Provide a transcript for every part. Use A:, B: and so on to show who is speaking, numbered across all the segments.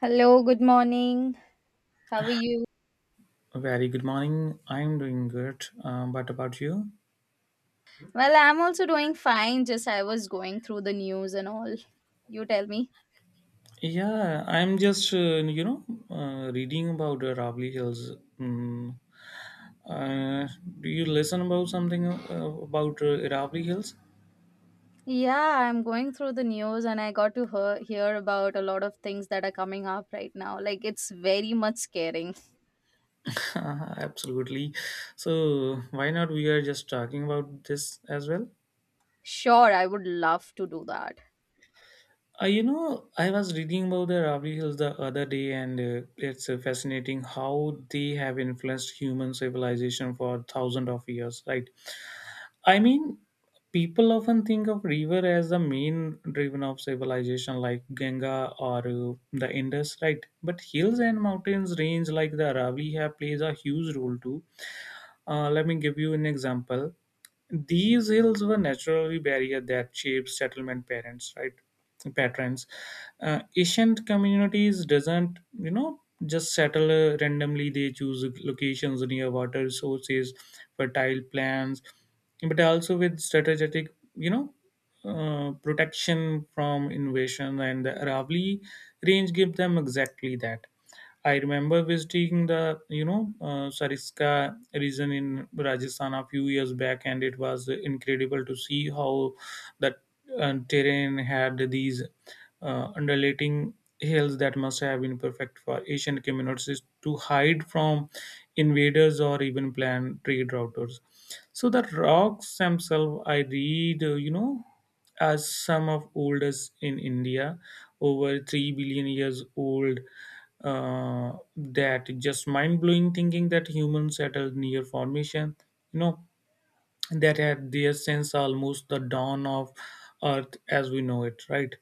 A: Hello, good morning. How are you?
B: Very good morning. I'm doing good. But about you?
A: Well, I'm also doing fine. Just I was going through the news and all. You tell me.
B: Yeah, I'm just reading about Ravli Hills. Mm. Uh, do you listen about something about Ravli Hills?
A: Yeah, I'm going through the news and I got to hear about a lot of things that are coming up right now. Like, it's very much scaring.
B: Absolutely. So why not we are just talking about this as well?
A: Sure, I would love to do that.
B: I was reading about the Ravli Hills the other day, and it's fascinating how they have influenced human civilization for thousands of years, right? I mean, people often think of river as the main driven of civilization, like Ganga or the Indus, right? But hills and mountains range like the Aravalli have plays a huge role too. Let me give you an example. These hills were naturally barrier that shaped settlement parents, right? Patterns. Ancient communities doesn't, you know, just settle randomly. They choose locations near water sources, fertile plants, but also with strategic, protection from invasion. And the Aravali range give them exactly that. I remember visiting the Sariska region in Rajasthan a few years back, and it was incredible to see how that terrain had these undulating hills that must have been perfect for Asian communities to hide from invaders or even plan trade routers. So the rocks themselves, I read, as some of oldest in India, over 3 billion years old, that just mind blowing thinking that humans at a near formation, you know, that had their sense almost the dawn of Earth as we know it, right?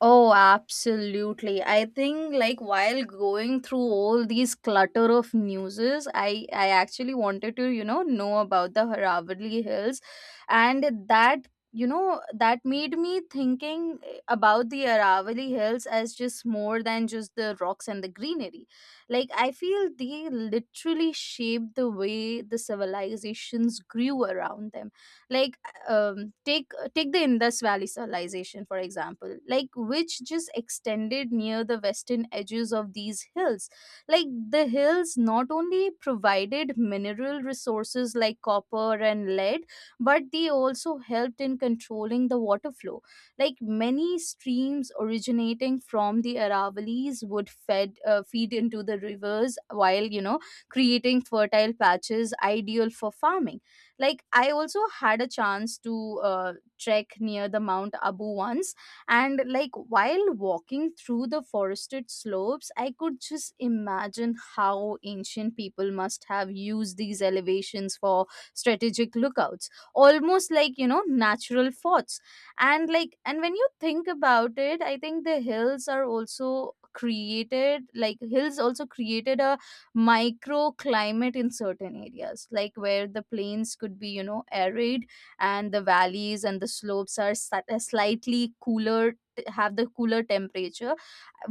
A: Oh, absolutely. I think like while going through all these clutter of newses, I actually wanted to, you know about the Ravalli Hills, and that you know that made me thinking about the Aravalli Hills as just more than just the rocks and the greenery. Like I feel they literally shaped the way the civilizations grew around them. Like take the Indus Valley civilization, for example, like which just extended near the western edges of these hills. Like the hills not only provided mineral resources like copper and lead, but they also helped in controlling the water flow. Like many streams originating from the Aravallis would fed feed into the rivers, while you know creating fertile patches ideal for farming. Like I also had a chance to uh, trek near the Mount Abu once, and like while walking through the forested slopes I could just imagine how ancient people must have used these elevations for strategic lookouts, almost like you know natural forts. And like, and when you think about it, I think the hills are also created like hills also created a microclimate in certain areas, like where the plains could be you know arid and the valleys and the slopes are slightly cooler, have the cooler temperature,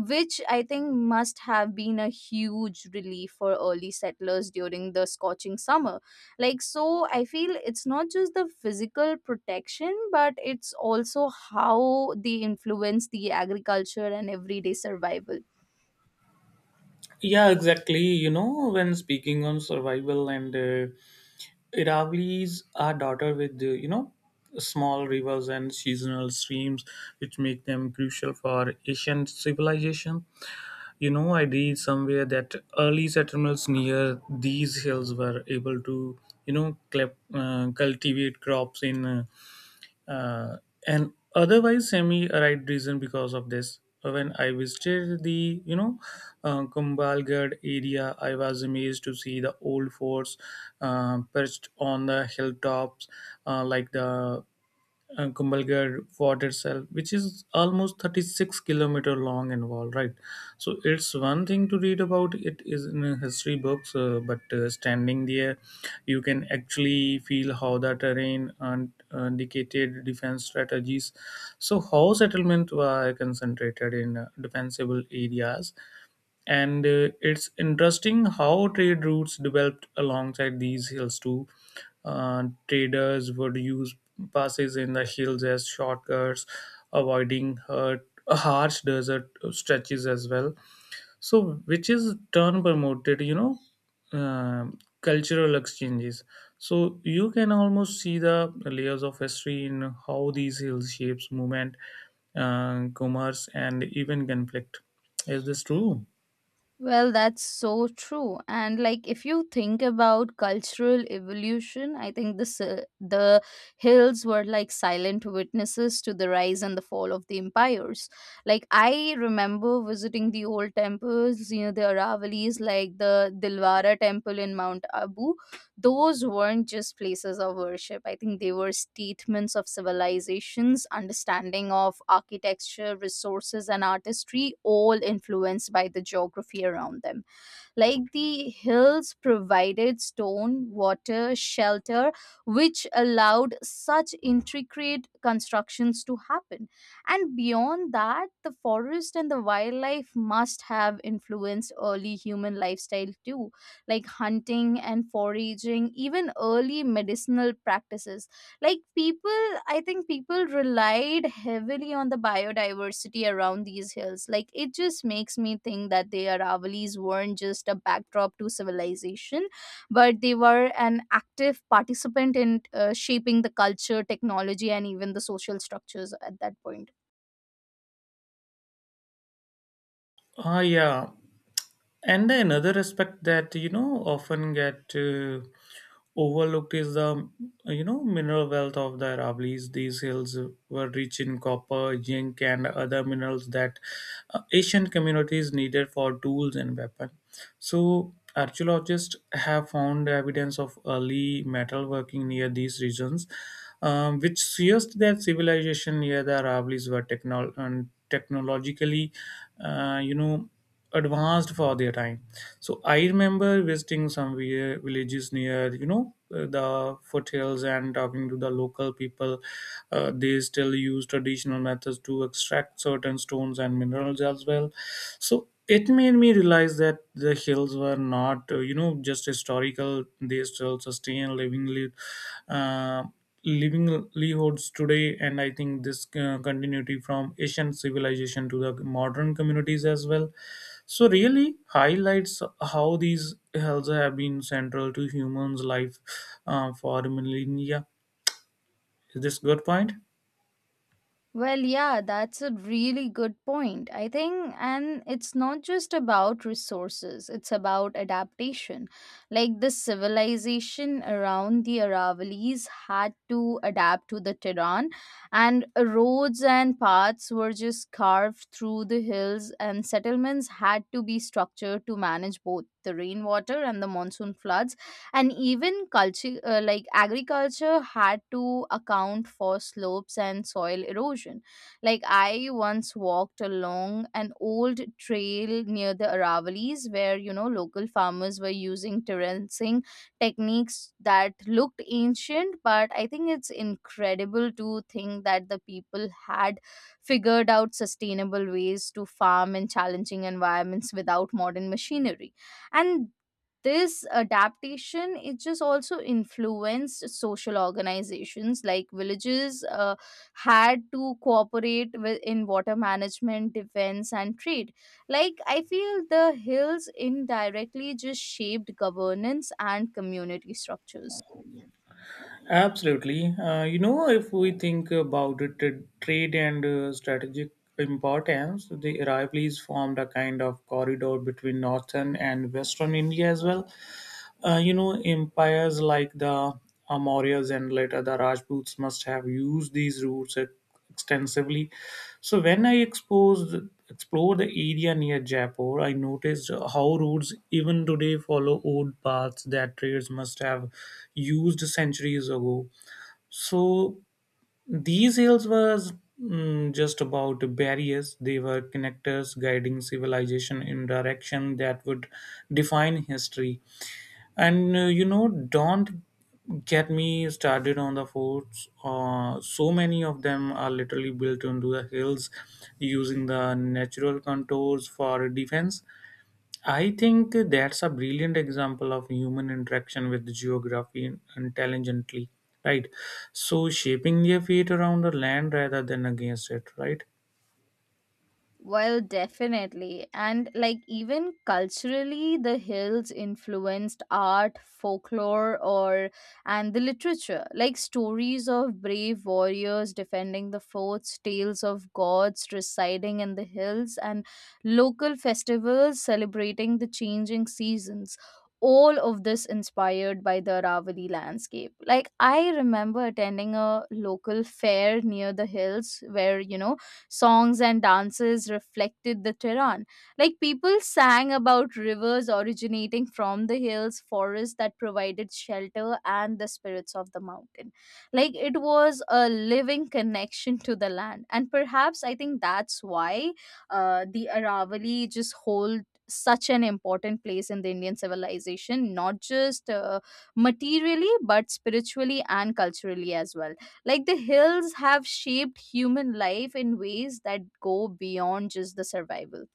A: which I think must have been a huge relief for early settlers during the scorching summer. Like so I feel it's not just the physical protection, but it's also how they influence the agriculture and everyday survival.
B: Yeah, exactly. You know, when speaking on survival and Iravli's are daughter with, small rivers and seasonal streams, which make them crucial for Asian civilization. You know, I read somewhere that early settlers near these hills were able to, you know, cultivate crops in uh, an otherwise semi-arid region because of this. When I visited the, Kumbalgarh area, I was amazed to see the old forts perched on the hilltops, like the Kumbalgarh fort itself, which is almost 36-kilometer long and wall, right? So it's one thing to read about it is in history books, but standing there you can actually feel how the terrain and dictated defense strategies, so how settlement were concentrated in defensible areas. And it's interesting how trade routes developed alongside these hills too. Traders would use passes in the hills as shortcuts, avoiding harsh desert stretches as well. So, which is turn promoted, you know, um, cultural exchanges. So you can almost see the layers of history in how these hills shapes movement, commerce, and even conflict. Is this true?
A: Well, that's so true. And like if you think about cultural evolution, I think this the hills were like silent witnesses to the rise and the fall of the empires. Like I remember visiting the old temples, you know, the Aravalis like the Dilwara temple in Mount Abu. Those weren't just places of worship. I think they were statements of civilizations, understanding of architecture, resources, and artistry, all influenced by the geography around them. Like the hills provided stone, water, shelter, which allowed such intricate constructions to happen. And beyond that, the forest and the wildlife must have influenced early human lifestyle too, like hunting and foraging, even early medicinal practices. Like people I think people relied heavily on the biodiversity around these hills. Like it just makes me think that the Aravallis weren't just a backdrop to civilization, but they were an active participant in shaping the culture, technology, and even the social structures at that point.
B: Ah, yeah. And another aspect that, you know, often get overlooked is the, you know, mineral wealth of the Aravallis. These hills were rich in copper, zinc, and other minerals that ancient communities needed for tools and weapons. So, archaeologists have found evidence of early metalworking near these regions, which suggests that civilization near the Aravallis were technol- and technologically, uh, you know, advanced for their time. So I remember visiting some villages near the foothills and talking to the local people. They still use traditional methods to extract certain stones and minerals as well. So it made me realize that the hills were not, you know, just historical. They still sustain living uh, livelihoods today, and I think this continuity from ancient civilization to the modern communities as well, so really highlights how these hells have been central to humans' life for millennia. Is this good point?
A: Well, yeah, that's a really good point, I think. And it's not just about resources, it's about adaptation. Like the civilization around the Aravallis had to adapt to the terrain, and roads and paths were just carved through the hills, and settlements had to be structured to manage both the rainwater and the monsoon floods. And even culture like agriculture had to account for slopes and soil erosion. Like I once walked along an old trail near the Aravali's, where you know local farmers were using terracing techniques that looked ancient. But I think it's incredible to think that the people had figured out sustainable ways to farm in challenging environments without modern machinery. And this adaptation, it just also influenced social organizations, like villages had to cooperate with in water management, defense, and trade. Like I feel the hills indirectly just shaped governance and community structures.
B: Absolutely. You know, if we think about it, the trade and strategic importance, the Aravallis formed a kind of corridor between northern and western India as well. You know, empires like the Mauryas and later the Rajputs must have used these routes extensively. So when I exposed explored the area near Jaipur, I noticed how routes even today follow old paths that traders must have used centuries ago. So these hills was, mm, just about barriers; they were connectors guiding civilization in direction that would define history. And you know, don't get me started on the forts. So many of them are literally built into the hills using the natural contours for defense. I think that's a brilliant example of human interaction with geography intelligently, right? So, shaping their fate around the land rather than against it, right?
A: Well, definitely. And like even culturally, the hills influenced art, folklore, or and the literature. Like stories of brave warriors defending the forts, tales of gods residing in the hills, and local festivals celebrating the changing seasons. All of this inspired by the Aravali landscape. Like, I remember attending a local fair near the hills where, you know, songs and dances reflected the terrain. Like people sang about rivers originating from the hills, forests that provided shelter, and the spirits of the mountain. Like it was a living connection to the land. And perhaps I think that's why the Aravali just hold such an important place in the Indian civilization, not just materially, but spiritually and culturally as well. Like the hills have shaped human life in ways that go beyond just the survival.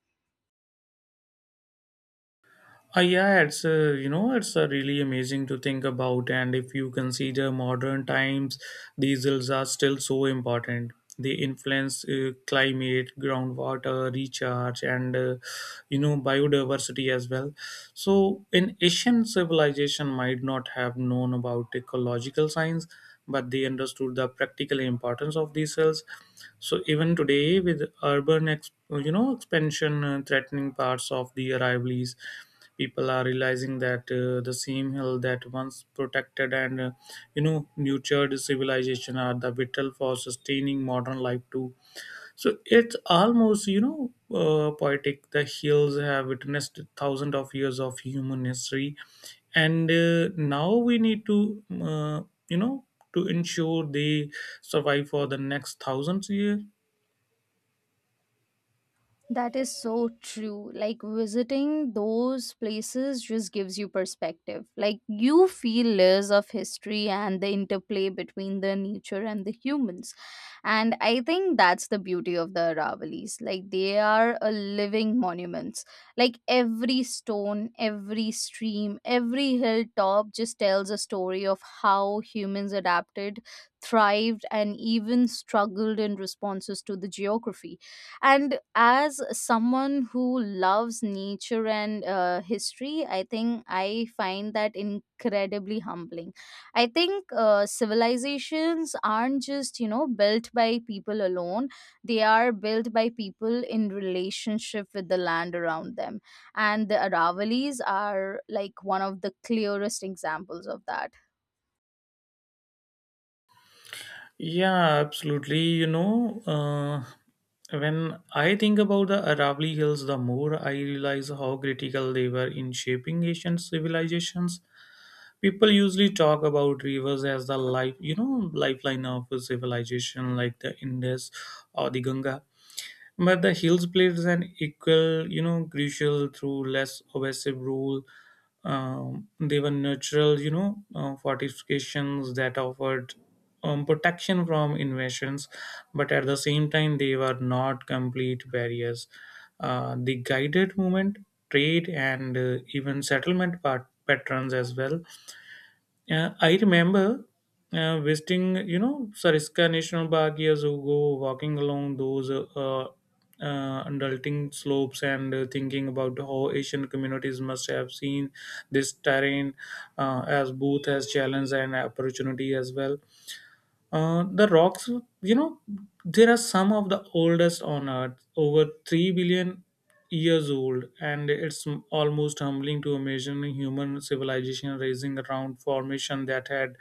B: Yeah, it's you know it's really amazing to think about, and if you consider modern times, diesels are still so important. They influence climate, groundwater, recharge, and you know, biodiversity as well. So, an Asian civilization might not have known about ecological science, but they understood the practical importance of these cells. So, even today, with urban expansion threatening parts of the rivalries, people are realizing that the same hill that once protected and nurtured civilization are the vital for sustaining modern life too. So it's almost, poetic. The hills have witnessed thousands of years of human history, and now we need to, you know, to ensure they survive for the next thousands years.
A: That is so true. Like visiting those places just gives you perspective. Like you feel layers of history and the interplay between the nature and the humans. And I think that's the beauty of the Aravalis. Like they are a living monuments. Like every stone, every stream, every hilltop just tells a story of how humans adapted, thrived, and even struggled in responses to the geography. And as someone who loves nature and history, I think I find that incredibly humbling. I think civilizations aren't just you know built by people alone, they are built by people in relationship with the land around them. And the Aravallis are like one of the clearest examples of that.
B: Yeah, absolutely. When I think about the Aravali Hills, the more I realize how critical they were in shaping Asian civilizations. People usually talk about rivers as the lifeline of a civilization like the Indus or the Ganga, but the hills played an equal, you know, crucial through less obsessive rule. Um, they were natural, fortifications that offered, protection from invasions, but at the same time they were not complete barriers. The guided movement, trade and even settlement patterns as well. I remember visiting, you know, Sariska National Park years ago, walking along those undulating slopes and thinking about how Asian communities must have seen this terrain as both as challenge and opportunity as well. The rocks, you know, there are some of the oldest on Earth, over 3 billion years old, and it's almost humbling to imagine human civilization raising around formation that had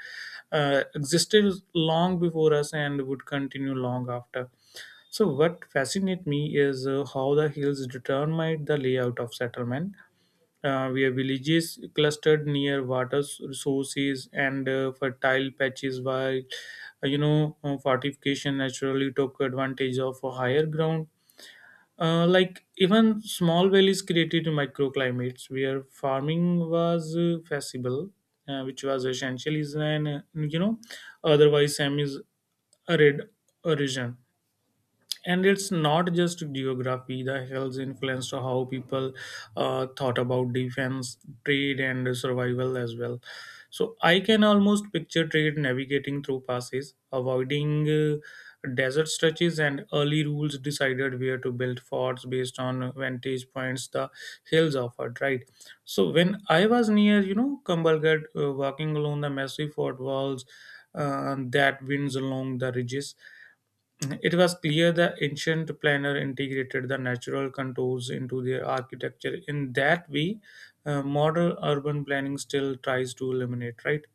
B: existed long before us and would continue long after. So, what fascinates me is how the hills determined the layout of settlement, where villages clustered near water sources and fertile patches while fortification naturally took advantage of a higher ground. Like even small valleys created microclimates where farming was feasible, which was essential is an you know, otherwise semi arid region. And it's not just geography, the hills influenced how people thought about defense, trade and survival as well. So I can almost picture trade navigating through passes avoiding desert stretches, and early rules decided where to build forts based on vantage points the hills offered, right? So when I was near, you know, Kumbhalgarh, walking along the massive fort walls that winds along the ridges, it was clear the ancient planner integrated the natural contours into their architecture. In that way, modern urban planning still tries to eliminate, right?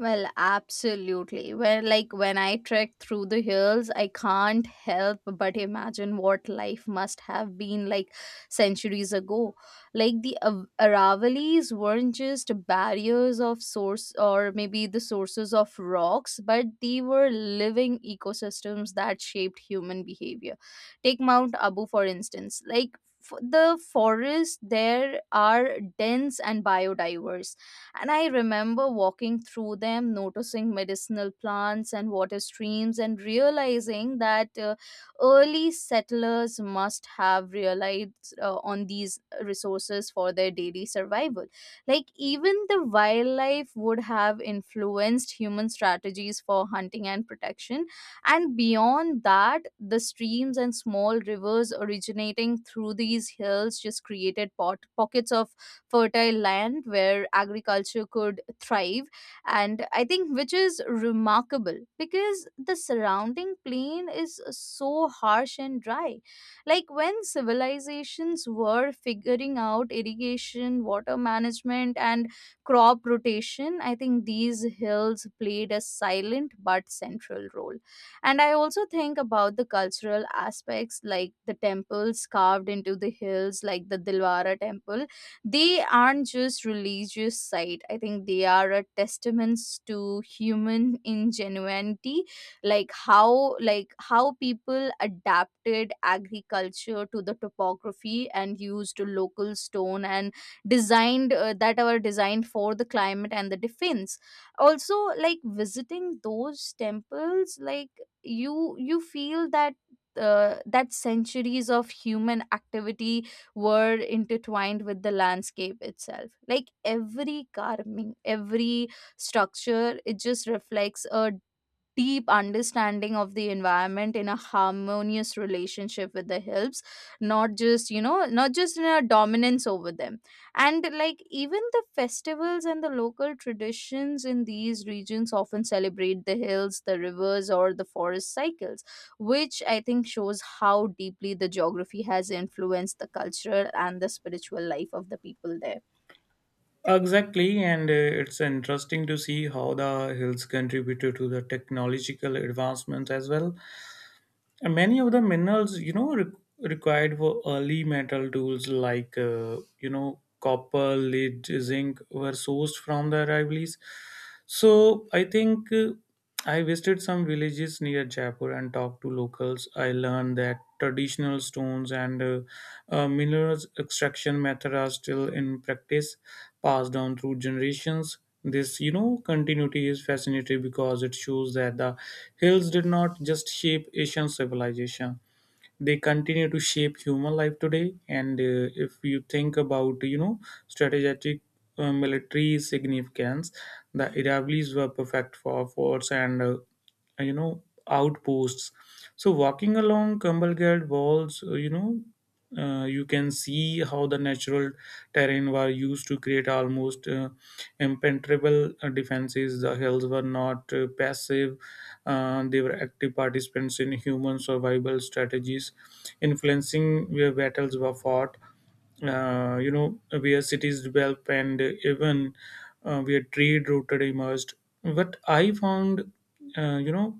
A: Well, absolutely. Where like when I trek through the hills, I can't help but imagine what life must have been like centuries ago. Like the Aravallis weren't just barriers of source, or maybe the sources of rocks, but they were living ecosystems that shaped human behavior. Take Mount Abu, for instance. Like the forests there are dense and biodiverse, and I remember walking through them, noticing medicinal plants and water streams, and realizing that early settlers must have relied on these resources for their daily survival. Like, even the wildlife would have influenced human strategies for hunting and protection. And beyond that, the streams and small rivers originating through these hills just created pockets of fertile land where agriculture could thrive. And I think which is remarkable, because the surrounding plain is so harsh and dry. Like when civilizations were figuring out irrigation, water management, and crop rotation, I think these hills played a silent but central role. And I also think about the cultural aspects, like the temples carved into the hills, like the Dilwara temple. They aren't just religious site, I think they are a testaments to human ingenuity. Like how people adapted agriculture to the topography and used local stone and designed that were designed for the climate and the defense. Also, like visiting those temples, like you feel that that centuries of human activity were intertwined with the landscape itself. Like every carving, every structure, it just reflects a deep understanding of the environment in a harmonious relationship with the helps, not just you know not just in a dominance over them. And like even the festivals and the local traditions in these regions often celebrate the hills, the rivers, or the forest cycles, which I think shows how deeply the geography has influenced the cultural and the spiritual life of the people there.
B: Exactly, and it's interesting to see how the hills contributed to the technological advancements as well. And many of the minerals, you know, required for early metal tools like copper, lead, zinc were sourced from the rivalries. So I think I visited some villages near Jaipur and talked to locals. I learned that traditional stones and minerals extraction method are still in practice, passed down through generations. This, you know, continuity is fascinating because it shows that the hills did not just shape Asian civilization. They continue to shape human life today. And if you think about, you know, strategic military significance, the Iraqis were perfect for force and you know, outposts. So walking along Campbellgad walls, you can see how the natural terrain were used to create almost impenetrable defenses. The hills were not passive, they were active participants in human survival strategies, influencing where battles were fought, you know, where cities develop and even where trade routed emerged. What I found, uh, you know,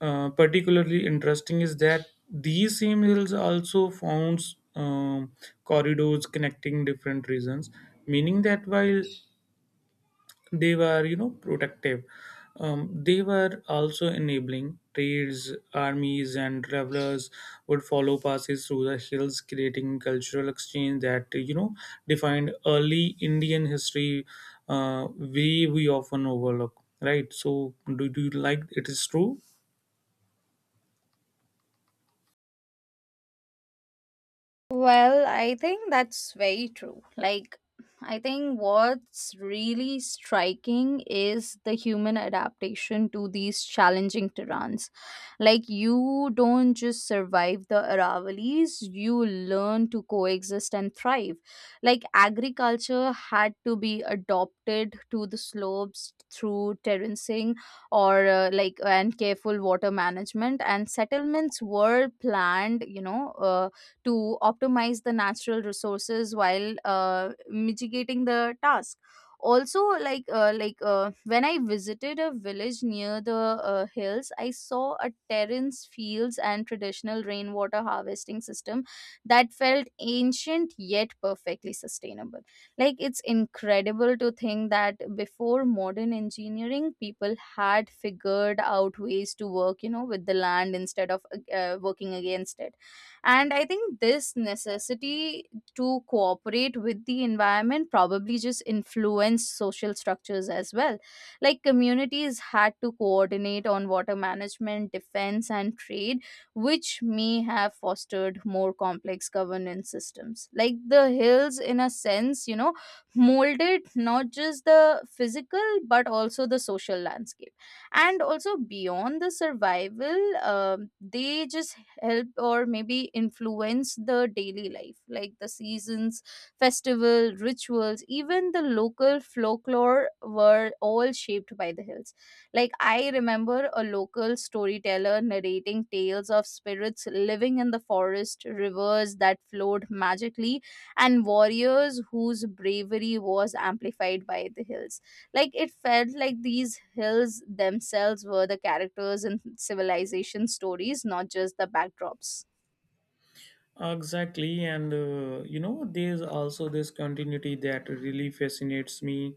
B: particularly interesting is that these same hills also found, um, corridors connecting different regions, meaning that while they were, you know, protective, they were also enabling trades, armies and travelers would follow passes through the hills, creating cultural exchange that, you know, defined early Indian history, way we often overlook, right? So do you like it is true?
A: Well, I think that's very true. Like, I think what's really striking is the human adaptation to these challenging terrains. Like, you don't just survive the Aravallis, you learn to coexist and thrive. Like, agriculture had to be adopted to the slopes through terracing or and careful water management, and settlements were planned you know to optimize the natural resources while mitigating the task. Also, when I visited a village near the hills, I saw a terrace fields and traditional rainwater harvesting system that felt ancient yet perfectly sustainable. Like it's incredible to think that before modern engineering, people had figured out ways to work you know with the land instead of working against it. And I think this necessity to cooperate with the environment probably just influenced social structures as well. Like communities had to coordinate on water management, defense, and trade, which may have fostered more complex governance systems. Like the hills, in a sense, you know molded not just the physical but also the social landscape. And also beyond the survival, they just help or maybe influence the daily life, like the seasons, festival, rituals, even the local folklore were all shaped by the hills. Like I remember a local storyteller narrating tales of spirits living in the forest, rivers that flowed magically, and warriors whose bravery was amplified by the hills. Like it felt like these hills themselves were the characters in civilization stories, not just the backdrops.
B: Exactly, and you know, there's also this continuity that really fascinates me.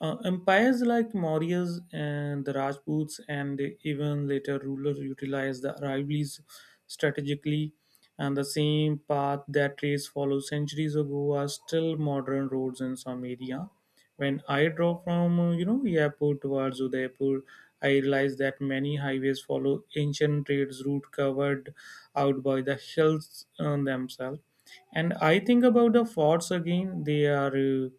B: Empires like Mauryas and the Rajputs, and even later rulers, utilized the rivalries strategically, and the same path that race followed centuries ago are still modern roads in some area. When I drove from Jaipur towards Udaipur, I realized that many highways follow ancient trades route covered out by the hills themselves. And I think about the forts again. They are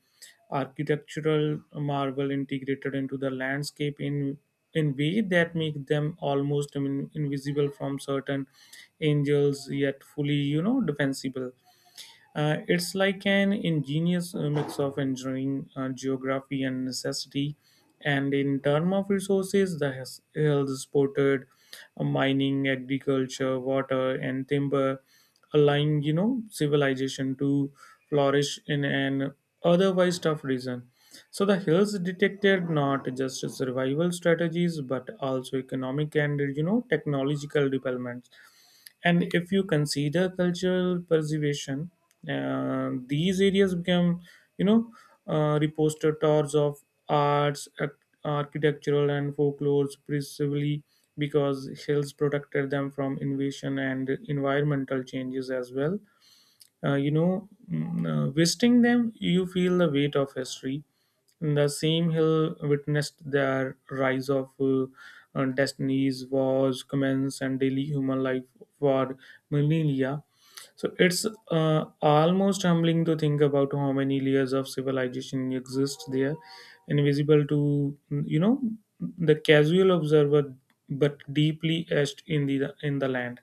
B: architectural marvel integrated into the landscape in way that make them almost I mean, invisible from certain angels, yet fully defensible. It's like an ingenious mix of engineering, geography, and necessity. And in terms of resources, the hills supported mining, agriculture, water, and timber, allowing civilization to flourish in an otherwise tough region. So the hills detected not just survival strategies but also economic and technological developments, and if you consider cultural preservation, these areas become, you know, repositories of arts, architectural, and folklores, precisely because hills protected them from invasion and environmental changes as well. Visiting them, you feel the weight of history. The same hill witnessed their rise of destinies, wars, commence, and daily human life for millennia. So it's almost humbling to think about how many layers of civilization exist there, invisible to the casual observer, but deeply etched in the land.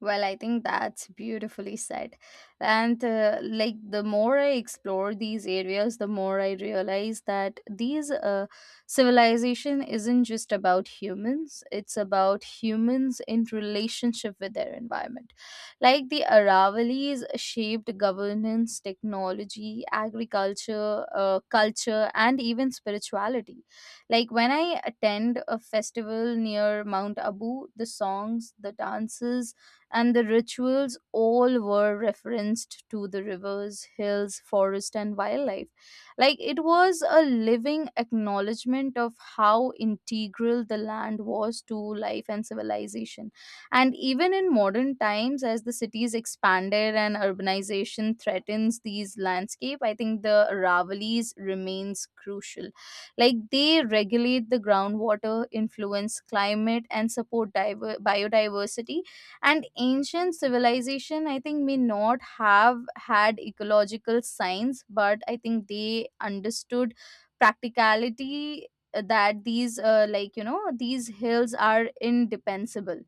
A: Well, I think that's beautifully said. And like the more I explore these areas, the more I realize that these civilization isn't just about humans, it's about humans in relationship with their environment. Like the Aravallis shaped governance, technology, agriculture, culture, and even spirituality. Like when I attend a festival near Mount Abu, the songs, the dances, and the rituals all were referenced to the rivers, hills, forest, and wildlife. Like it was a living acknowledgement of how integral the land was to life and civilization. And even in modern times, as the cities expanded and urbanization threatens these landscape, I think the Ravilis remains crucial. Like they regulate the groundwater, influence climate, and support biodiversity. And ancient civilization, I think, may not have had ecological science, but I think they understood practicality, that these like you know these hills are indefensible.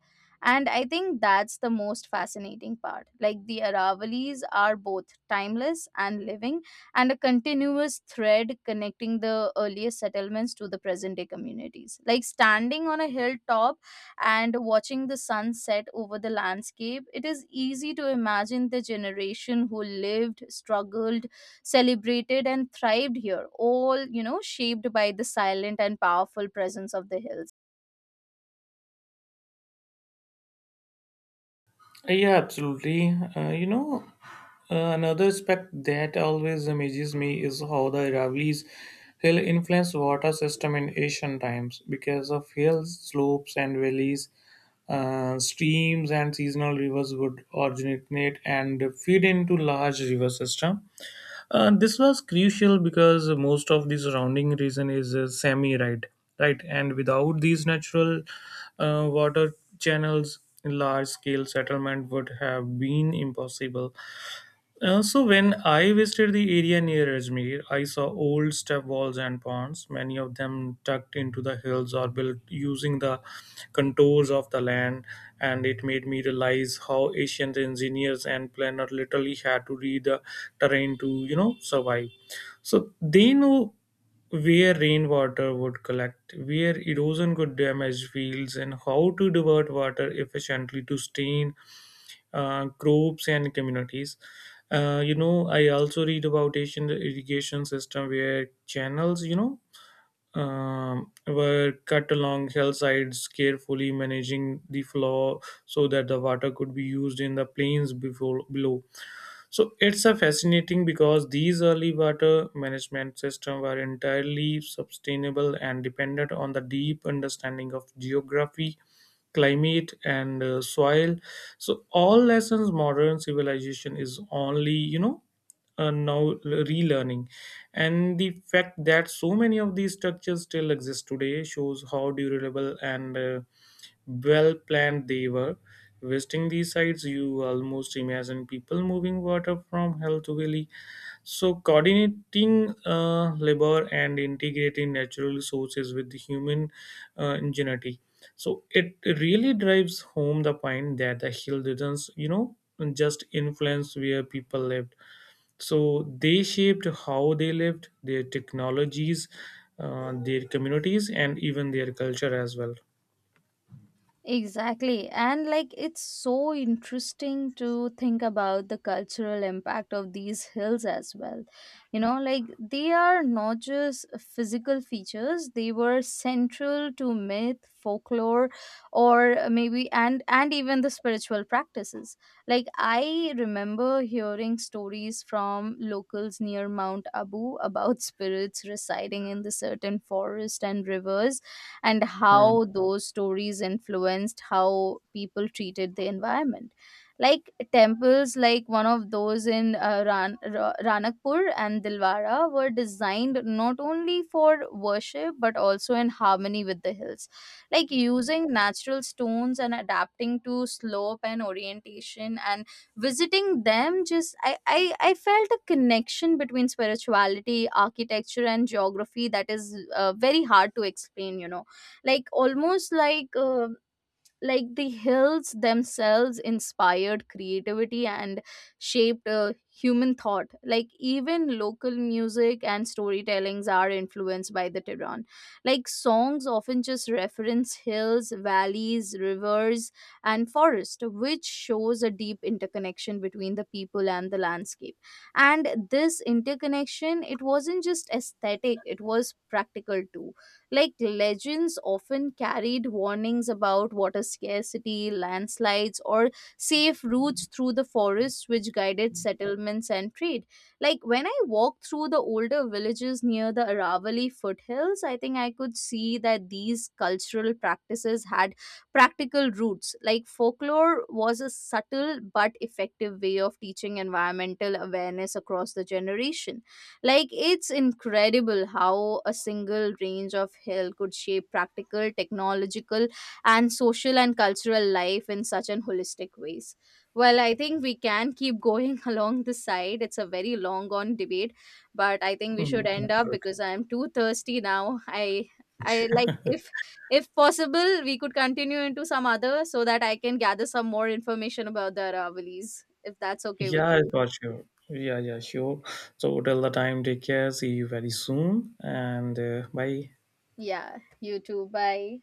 A: And I think that's the most fascinating part. Like the Aravalis are both timeless and living, and a continuous thread connecting the earliest settlements to the present day communities. Like standing on a hilltop and watching the sunset over the landscape, it is easy to imagine the generation who lived, struggled, celebrated, and thrived here, all, you know, shaped by the silent and powerful presence of the hills.
B: Yeah, absolutely. Another aspect that always amazes me is how the Aravalli's hill influenced water system in ancient times. Because of hills, slopes, and valleys, streams and seasonal rivers would originate and feed into large river system. This was crucial because most of the surrounding region is semi-arid, right? And without these natural water channels, large-scale settlement would have been impossible. So when I visited the area near Ajmer, I saw old step walls and ponds, many of them tucked into the hills or built using the contours of the land, and it made me realize how ancient engineers and planners literally had to read the terrain to, survive. So they know where rainwater would collect, where erosion could damage fields, and how to divert water efficiently to stain groups and communities. I also read about Asian irrigation system where channels, were cut along hillsides, carefully managing the flow so that the water could be used in the plains before below. So it's a fascinating because these early water management systems were entirely sustainable and dependent on the deep understanding of geography, climate, and soil. So all lessons modern civilization is only now relearning, and the fact that so many of these structures still exist today shows how durable and well planned they were. Visiting these sites, you almost imagine people moving water from hill to valley. So, coordinating labor and integrating natural resources with the human ingenuity. So, it really drives home the point that the hill didn't, just influence where people lived. So, they shaped how they lived, their technologies, their communities, and even their culture as well.
A: Exactly. And like it's so interesting to think about the cultural impact of these hills as well. You know, like they are not just physical features, they were central to myth, folklore, or maybe and even the spiritual practices. Like I remember hearing stories from locals near Mount Abu about spirits residing in the certain forest and rivers, and
B: Hmm.
A: how those stories influenced how people treated the environment. Like temples, like one of those in ranakpur and Dilwara were designed not only for worship but also in harmony with the hills, like using natural stones and adapting to slope and orientation. And visiting them, just I felt a connection between spirituality, architecture, and geography that is very hard to explain, you know. Like almost like the hills themselves inspired creativity and shaped human thought. Like even local music and storytellings are influenced by the tehran. Like songs often just reference hills, valleys, rivers, and forest, which shows a deep interconnection between the people and the landscape. And this interconnection, it wasn't just aesthetic, it was practical too. Like legends often carried warnings about water scarcity, landslides, or safe routes through the forests, which guided settlements and trade. Like when I walked through the older villages near the Aravali foothills, I think I could see that these cultural practices had practical roots. Like folklore was a subtle but effective way of teaching environmental awareness across the generations. Like, it's incredible how a single range of hill could shape practical, technological, and social and cultural life in such an holistic ways. Well, I think we can keep going along this side. It's a very long on debate, but I think we should
B: Mm,
A: end up
B: absolutely.
A: because I am too thirsty now. I like if possible we could continue into some other so that I can gather some more information about the Aravallis if that's okay with
B: Yeah, I
A: you.
B: got you. Yeah, yeah, sure. So till the time, take care. See you very soon. And bye.
A: Yeah, you too. Bye.